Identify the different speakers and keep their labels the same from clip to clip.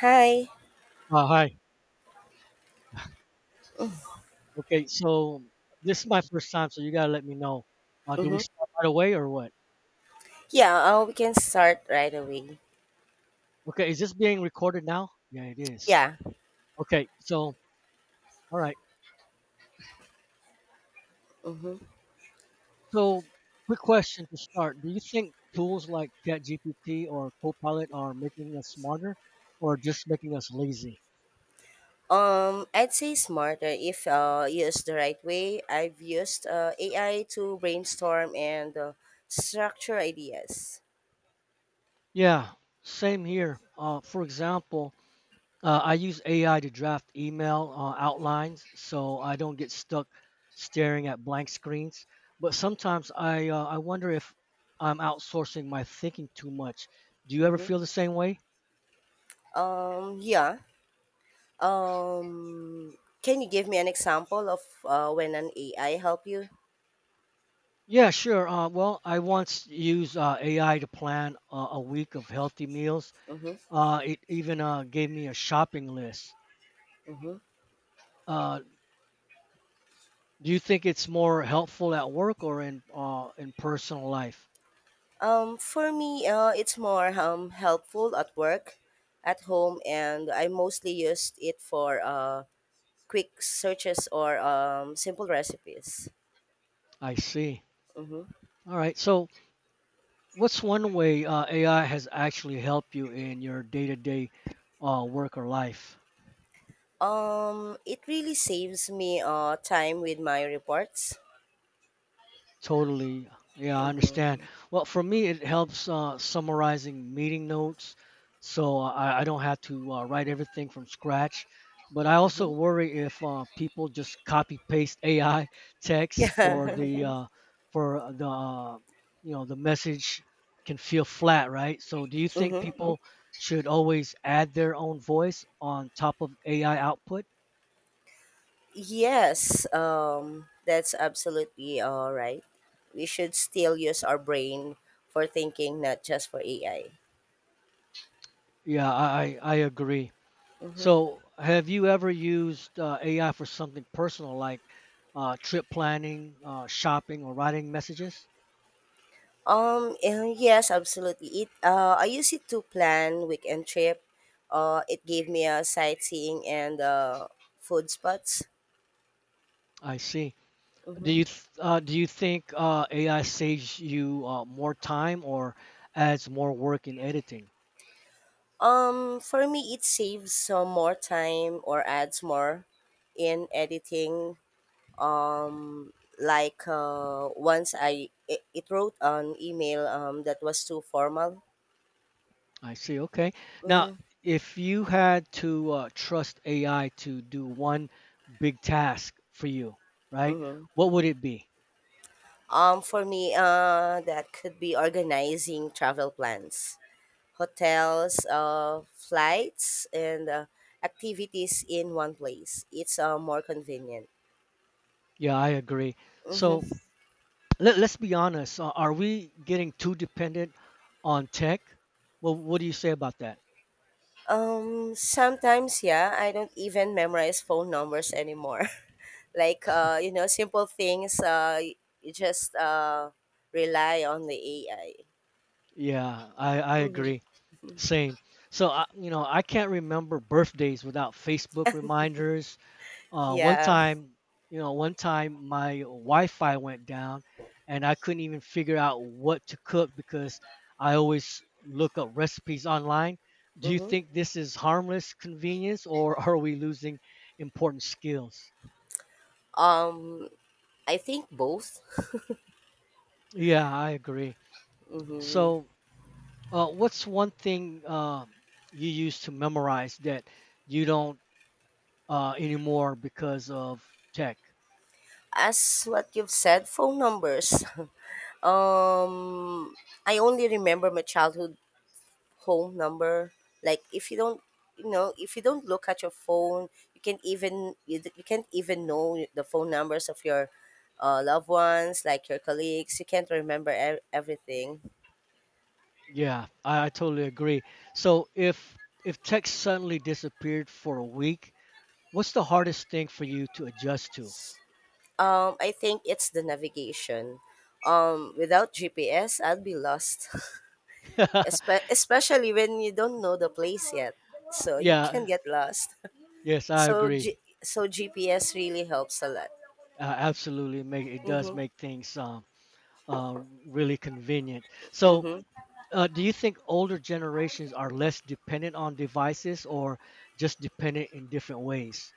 Speaker 1: Hi.
Speaker 2: Hi. Okay, this is my first time, so you gotta let me know. Do we
Speaker 1: Mm-hmm.
Speaker 2: start right away or what?
Speaker 1: Yeah, we can start right away.
Speaker 2: Okay, is this being recorded now? Yeah, it is.
Speaker 1: Yeah.
Speaker 2: Okay, all right.
Speaker 1: Mm-hmm.
Speaker 2: So, quick question to start: do you think tools like ChatGPT or Copilot are making us smarter, or just making us lazy?
Speaker 1: I'd say smarter if used the right way. I've used AI to brainstorm and structure ideas.
Speaker 2: Yeah, same here. For example, I use AI to draft email outlines so I don't get stuck staring at blank screens. But sometimes I wonder if I'm outsourcing my thinking too much. Do you ever
Speaker 1: Mm-hmm.
Speaker 2: feel the same way?
Speaker 1: Yeah. Can you give me an example of when an AI help you?
Speaker 2: Yeah, sure. Well, I once used AI to plan a week of healthy meals.
Speaker 1: Mm-hmm.
Speaker 2: It even gave me a shopping list.
Speaker 1: Mm-hmm.
Speaker 2: Uh, do you think it's more helpful at work or in personal life?
Speaker 1: For me, it's more helpful at work, at home, and I mostly used it for quick searches or simple recipes.
Speaker 2: I see.
Speaker 1: hmm
Speaker 2: All right. So what's one way AI has actually helped you in your day to day work or life?
Speaker 1: It really saves me time with my reports.
Speaker 2: Totally. Yeah, I understand.
Speaker 1: hmm
Speaker 2: Well, for me, it helps summarizing meeting notes so I don't have to write everything from scratch. But I also
Speaker 1: hmm
Speaker 2: worry if people just copy paste AI text for
Speaker 1: Yeah.
Speaker 2: the uh, the message can feel flat, right? So do you think
Speaker 1: hmm
Speaker 2: people should always add their own voice on top of AI output?
Speaker 1: Yes, that's absolutely all right. We should still use our brain for thinking, not just for AI.
Speaker 2: Yeah, I agree.
Speaker 1: hmm
Speaker 2: So, have you ever used AI for something personal like trip planning, shopping, or writing messages?
Speaker 1: Yes, absolutely. It I use it to plan weekend trip. It gave me a sightseeing and food spots.
Speaker 2: I see. Do
Speaker 1: Mm-hmm.
Speaker 2: you th- uh, do you think AI saves you more time or adds more work in editing?
Speaker 1: For me, it saves some more time or adds more in editing. Um, like once it wrote an email that was too formal.
Speaker 2: I see. Okay. Now,
Speaker 1: Mm-hmm.
Speaker 2: if you had to trust AI to do one big task for you, right?
Speaker 1: Mm-hmm.
Speaker 2: What would it be?
Speaker 1: For me, that could be organizing travel plans, hotels, flights, and activities in one place. It's more convenient.
Speaker 2: Yeah, I agree. So
Speaker 1: Mm-hmm.
Speaker 2: let's be honest. Are we getting too dependent on tech? Well, what do you say about that?
Speaker 1: Sometimes, yeah, I don't even memorize phone numbers anymore. Like, you know, simple things, you just rely on the AI.
Speaker 2: Yeah, I
Speaker 1: Mm-hmm.
Speaker 2: agree. Same. So, I, I can't remember birthdays without Facebook reminders. Uh, one
Speaker 1: Yeah.
Speaker 2: time, One time my Wi-Fi went down and I couldn't even figure out what to cook because I always look up recipes online. Do you
Speaker 1: Mm-hmm.
Speaker 2: think this is harmless convenience or are we losing important skills?
Speaker 1: Um, I think both.
Speaker 2: Yeah, I agree.
Speaker 1: Mm-hmm.
Speaker 2: So, what's one thing you used to memorize that you don't anymore because of tech?
Speaker 1: As what you've said, phone numbers. um, I only remember my childhood home number. Like if you don't, you know, if you don't look at your phone, you can't even know the phone numbers of your loved ones, like your colleagues. You can't remember everything.
Speaker 2: Yeah, I totally agree. So, if tech suddenly disappeared for a week, what's the hardest thing for you to adjust to?
Speaker 1: I think it's the navigation. Without GPS, I'd be lost. Especially when you don't know the place yet, so you can
Speaker 2: Yeah,
Speaker 1: get lost.
Speaker 2: yes, I
Speaker 1: So G-
Speaker 2: agree.
Speaker 1: so GPS really helps a lot.
Speaker 2: Absolutely, make it does
Speaker 1: Mm-hmm.
Speaker 2: make things uh, really convenient. So,
Speaker 1: Mm-hmm.
Speaker 2: Do you think older generations are less dependent on devices or just dependent in different ways?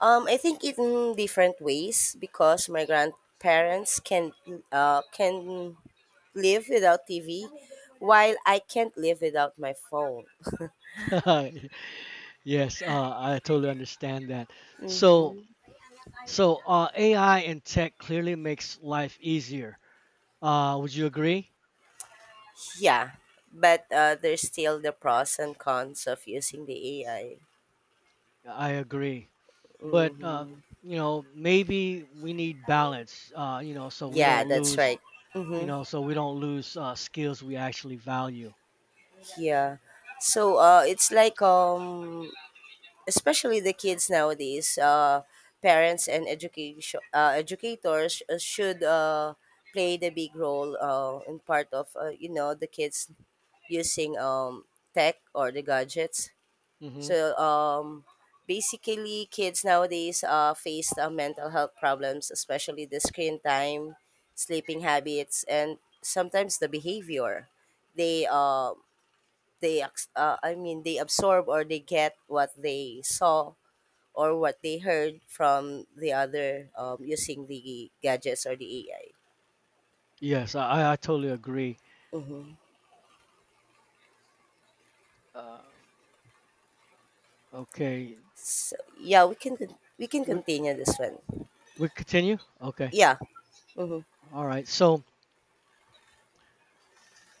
Speaker 1: I think in different ways because my grandparents can live without TV, while I can't live without my phone.
Speaker 2: Yes, I totally understand that. So,
Speaker 1: Mm-hmm.
Speaker 2: so, AI and tech clearly makes life easier. Would you agree?
Speaker 1: Yeah, but there's still the pros and cons of using the AI.
Speaker 2: I agree. But
Speaker 1: Mm-hmm.
Speaker 2: you know, maybe we need balance. You know, so we
Speaker 1: Yeah,
Speaker 2: don't
Speaker 1: that's
Speaker 2: lose.
Speaker 1: right.
Speaker 2: You
Speaker 1: Mm-hmm.
Speaker 2: know, so we don't lose skills we actually value.
Speaker 1: Yeah. So it's like especially the kids nowadays, parents and education educators should play the big role in part of you know the kids using tech or the gadgets.
Speaker 2: hmm
Speaker 1: So basically, kids nowadays face mental health problems, especially the screen time, sleeping habits, and sometimes the behavior. They uh, I mean they absorb or they get what they saw or what they heard from the other using the gadgets or the AI.
Speaker 2: Yes, I totally agree.
Speaker 1: Mm-hmm.
Speaker 2: Uh, Okay.
Speaker 1: So yeah, we can
Speaker 2: We,
Speaker 1: continue this one.
Speaker 2: we continue? Okay.
Speaker 1: Yeah. Mm-hmm.
Speaker 2: All right. So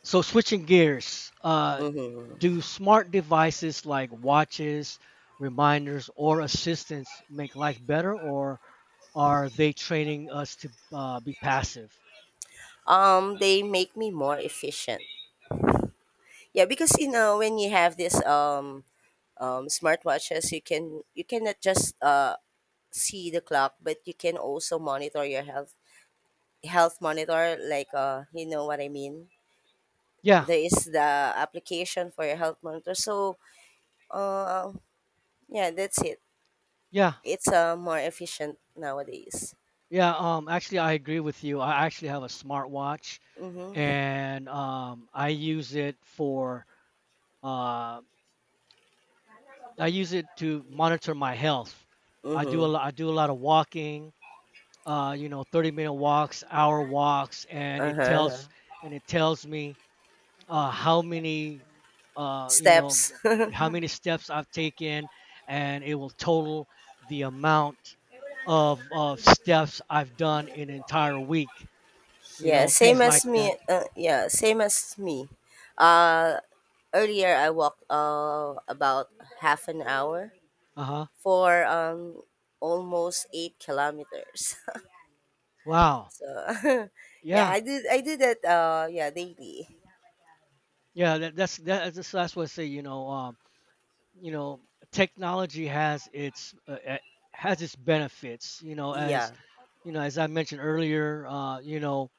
Speaker 2: so switching gears,
Speaker 1: Mm-hmm.
Speaker 2: do smart devices like watches, reminders or assistants make life better or are they training us to be passive?
Speaker 1: They make me more efficient. Yeah, because you know when you have this smartwatches, you cannot just see the clock, but you can also monitor your health monitor. Like you know what I mean.
Speaker 2: Yeah.
Speaker 1: There is the application for your health monitor. So, uh, yeah, that's it.
Speaker 2: Yeah.
Speaker 1: It's more efficient nowadays.
Speaker 2: Yeah, actually I agree with you. I actually have a smartwatch
Speaker 1: Mm-hmm.
Speaker 2: and I use it for uh I use it to monitor my health.
Speaker 1: Mm-hmm.
Speaker 2: I do a lot of walking. You know, 30-minute walks, hour walks, and it okay,
Speaker 1: Uh-huh.
Speaker 2: tells okay, and it tells me how many, uh, you know,
Speaker 1: Steps.
Speaker 2: how mm many steps I've taken, and it will total the amount of steps I've done in an entire week. You
Speaker 1: Yeah,
Speaker 2: know,
Speaker 1: same
Speaker 2: things
Speaker 1: as
Speaker 2: like
Speaker 1: me.
Speaker 2: that.
Speaker 1: Yeah, same as me. Uh, earlier I walked about half an hour
Speaker 2: Uh huh.
Speaker 1: for almost 8 kilometers.
Speaker 2: Wow.
Speaker 1: So, yeah,
Speaker 2: Yeah.
Speaker 1: I do that yeah daily.
Speaker 2: Yeah. That's what I say. You know, technology has its has its benefits, you know, as
Speaker 1: Yeah.
Speaker 2: you know, as I mentioned earlier, you know,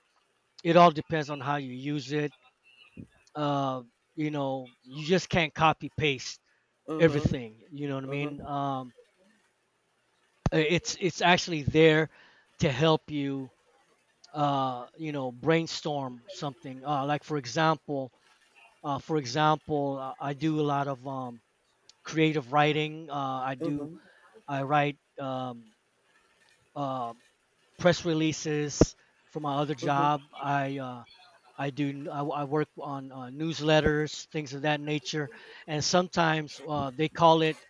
Speaker 2: it all depends on how you use it. uh you know, you just can't copy paste
Speaker 1: Mm-hmm.
Speaker 2: everything, you know what I mean.
Speaker 1: Mm-hmm.
Speaker 2: It's actually there to help you, you know, brainstorm something. Like for example, I do a lot of creative writing. I do
Speaker 1: Mm-hmm.
Speaker 2: I write, um, press releases from my other
Speaker 1: Mm-hmm.
Speaker 2: job. I work on newsletters, things of that nature, and sometimes they call it,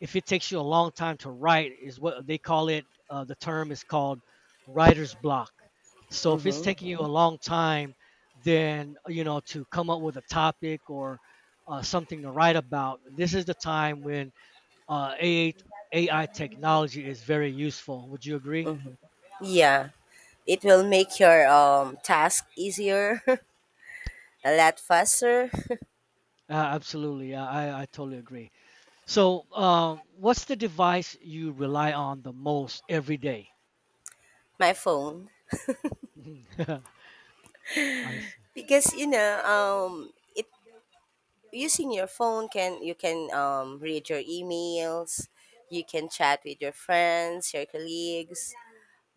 Speaker 2: if it takes you a long time to write, is what they call it. The term is called writer's block. So if it's
Speaker 1: Mm-hmm.
Speaker 2: taking you a long time, then, you know, to come up with a topic or something to write about. This is the time when uh, AI, AI technology is very useful. Would you agree?
Speaker 1: Mm-hmm. Yeah. It will make your task easier, a lot faster.
Speaker 2: Absolutely, I totally agree. So, what's the device you rely on the most every day?
Speaker 1: My phone,
Speaker 2: Mhm. I see.
Speaker 1: because you know it using your phone can you can read your emails, you can chat with your friends, your colleagues,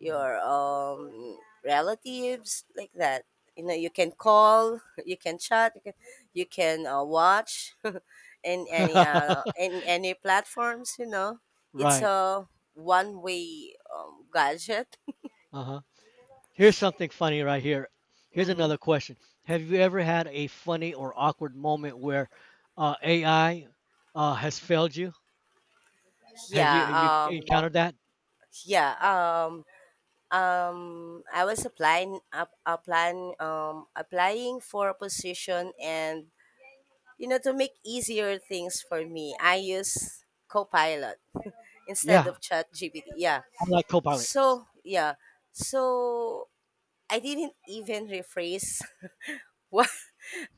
Speaker 2: Mhm.
Speaker 1: relatives like that, you know. You can call, you can chat, you can watch in any platforms, you know. It's
Speaker 2: Right.
Speaker 1: a one way gadget.
Speaker 2: Uh-huh. Here's something funny right here. Here's
Speaker 1: hmm
Speaker 2: another question. Have you ever had a funny or awkward moment where AI has failed you? Have you
Speaker 1: yeah.
Speaker 2: you
Speaker 1: um
Speaker 2: encountered that?
Speaker 1: yeah um I was applying up applying applying for a position, and you know, to make easier things for me, I use Copilot instead
Speaker 2: Yeah,
Speaker 1: of ChatGPT. Yeah.
Speaker 2: I'm like Copilot.
Speaker 1: So, yeah. So, I didn't even rephrase what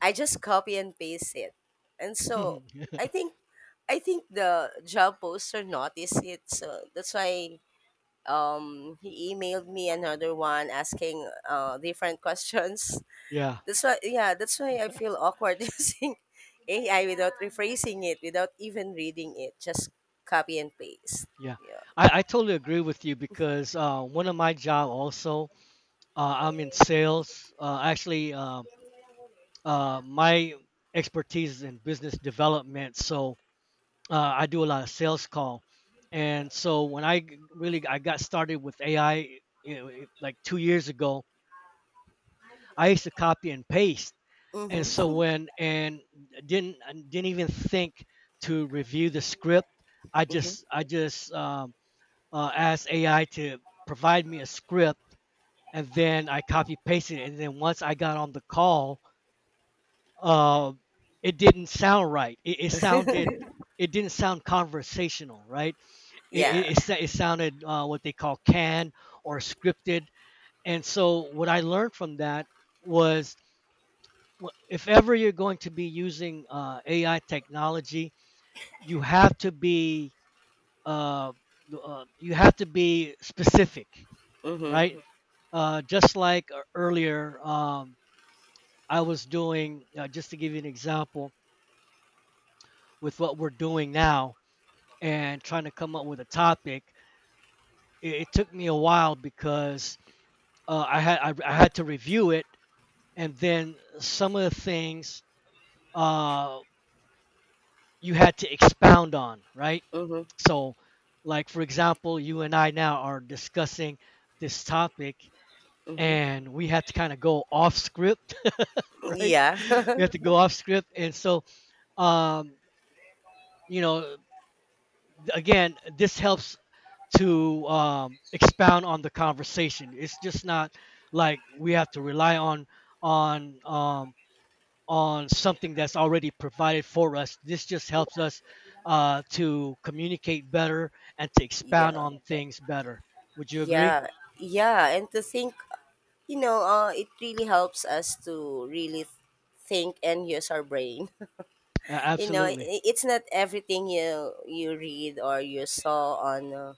Speaker 1: I just copy and paste it. And so, I think I think the job poster noticed it, so that's why he emailed me another one asking different questions.
Speaker 2: Yeah,
Speaker 1: That's why, yeah, that's why I feel awkward using AI without rephrasing it, without even reading it, just copy and paste.
Speaker 2: yeah.
Speaker 1: Yeah.
Speaker 2: I totally agree with you because one of my job also I'm in sales. Actually, my expertise is in business development, so I do a lot of sales call. And so when I g- really I got started with AI, you know, it- like two years ago, I used to copy and paste. And so
Speaker 1: Mm-hmm.
Speaker 2: when and didn't I didn't even think to review the script.
Speaker 1: Mm-hmm.
Speaker 2: I just asked AI to provide me a script, and then I copy pasted it. And then once I got on the call, uh, it didn't sound right. It sounded, it didn't sound conversational, right? It, it,
Speaker 1: Yeah.
Speaker 2: it, sa- it sounded what they call canned or scripted. And so what I learned from that was if ever you're going to be using AI technology, you have to be uh, you have to be specific,
Speaker 1: Mm-hmm.
Speaker 2: right? Just like earlier, I was doing just to give you an example, with what we're doing now and trying to come up with a topic. It took me a while because I had to review it, and then some of the things uh, you had to expound on, right?
Speaker 1: Mm-hmm.
Speaker 2: So, like for example, you and I now are discussing this topic,
Speaker 1: Mm-hmm.
Speaker 2: and we had to kind of go off script, right?
Speaker 1: Yeah.
Speaker 2: We had to go off script, and so um, you know, again, this helps to expound on the conversation. It's just not like we have to rely on on um, on something that's already provided for us. This just helps us to communicate better and to expound
Speaker 1: Yeah.
Speaker 2: on things better. Would you agree?
Speaker 1: Yeah. Yeah. And to think, you know, it really helps us to really think and use our brain. You know,
Speaker 2: Absolutely.
Speaker 1: it's not everything you read or you saw on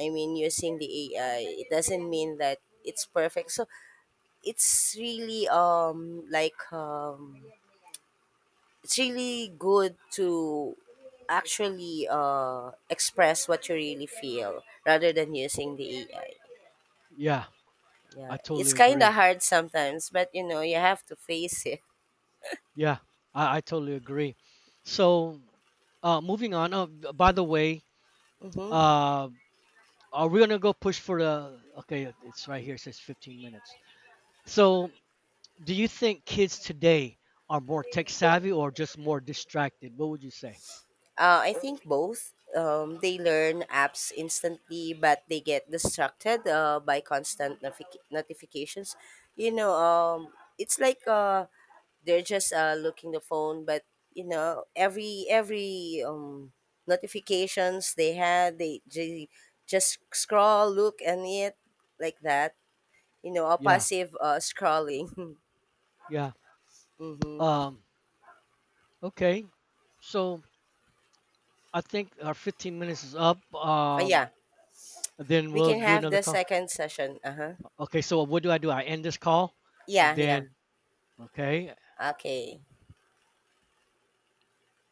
Speaker 1: I mean, using the AI, it doesn't mean that it's perfect. So it's really it's really good to actually express what you really feel rather than using the AI.
Speaker 2: Yeah, I
Speaker 1: Yeah, it's
Speaker 2: totally
Speaker 1: kind
Speaker 2: agree.
Speaker 1: of hard sometimes, but you know you have to face it.
Speaker 2: Yeah, I totally agree. So, moving on. By the way,
Speaker 1: Mm-hmm.
Speaker 2: uh, are we gonna go push for the? Okay, it's right here. It says 15 minutes. So, do you think kids today are more tech savvy or just more distracted? What would you say?
Speaker 1: I think both. They learn apps instantly, but they get distracted by constant notifications. You know, it's like they're just looking the phone, but you know, every notifications they had, they just scroll, look, and it like that. You know, a
Speaker 2: Yeah,
Speaker 1: passive scrolling.
Speaker 2: yeah.
Speaker 1: Mm-hmm.
Speaker 2: Um, okay. So I think our 15 minutes is up.
Speaker 1: Uh, yeah,
Speaker 2: Then
Speaker 1: we
Speaker 2: we'll
Speaker 1: can
Speaker 2: do
Speaker 1: have
Speaker 2: another
Speaker 1: the
Speaker 2: call.
Speaker 1: second session. Uh huh.
Speaker 2: Okay. So what do? I end this call, and
Speaker 1: Yeah, yeah.
Speaker 2: then okay.
Speaker 1: Okay.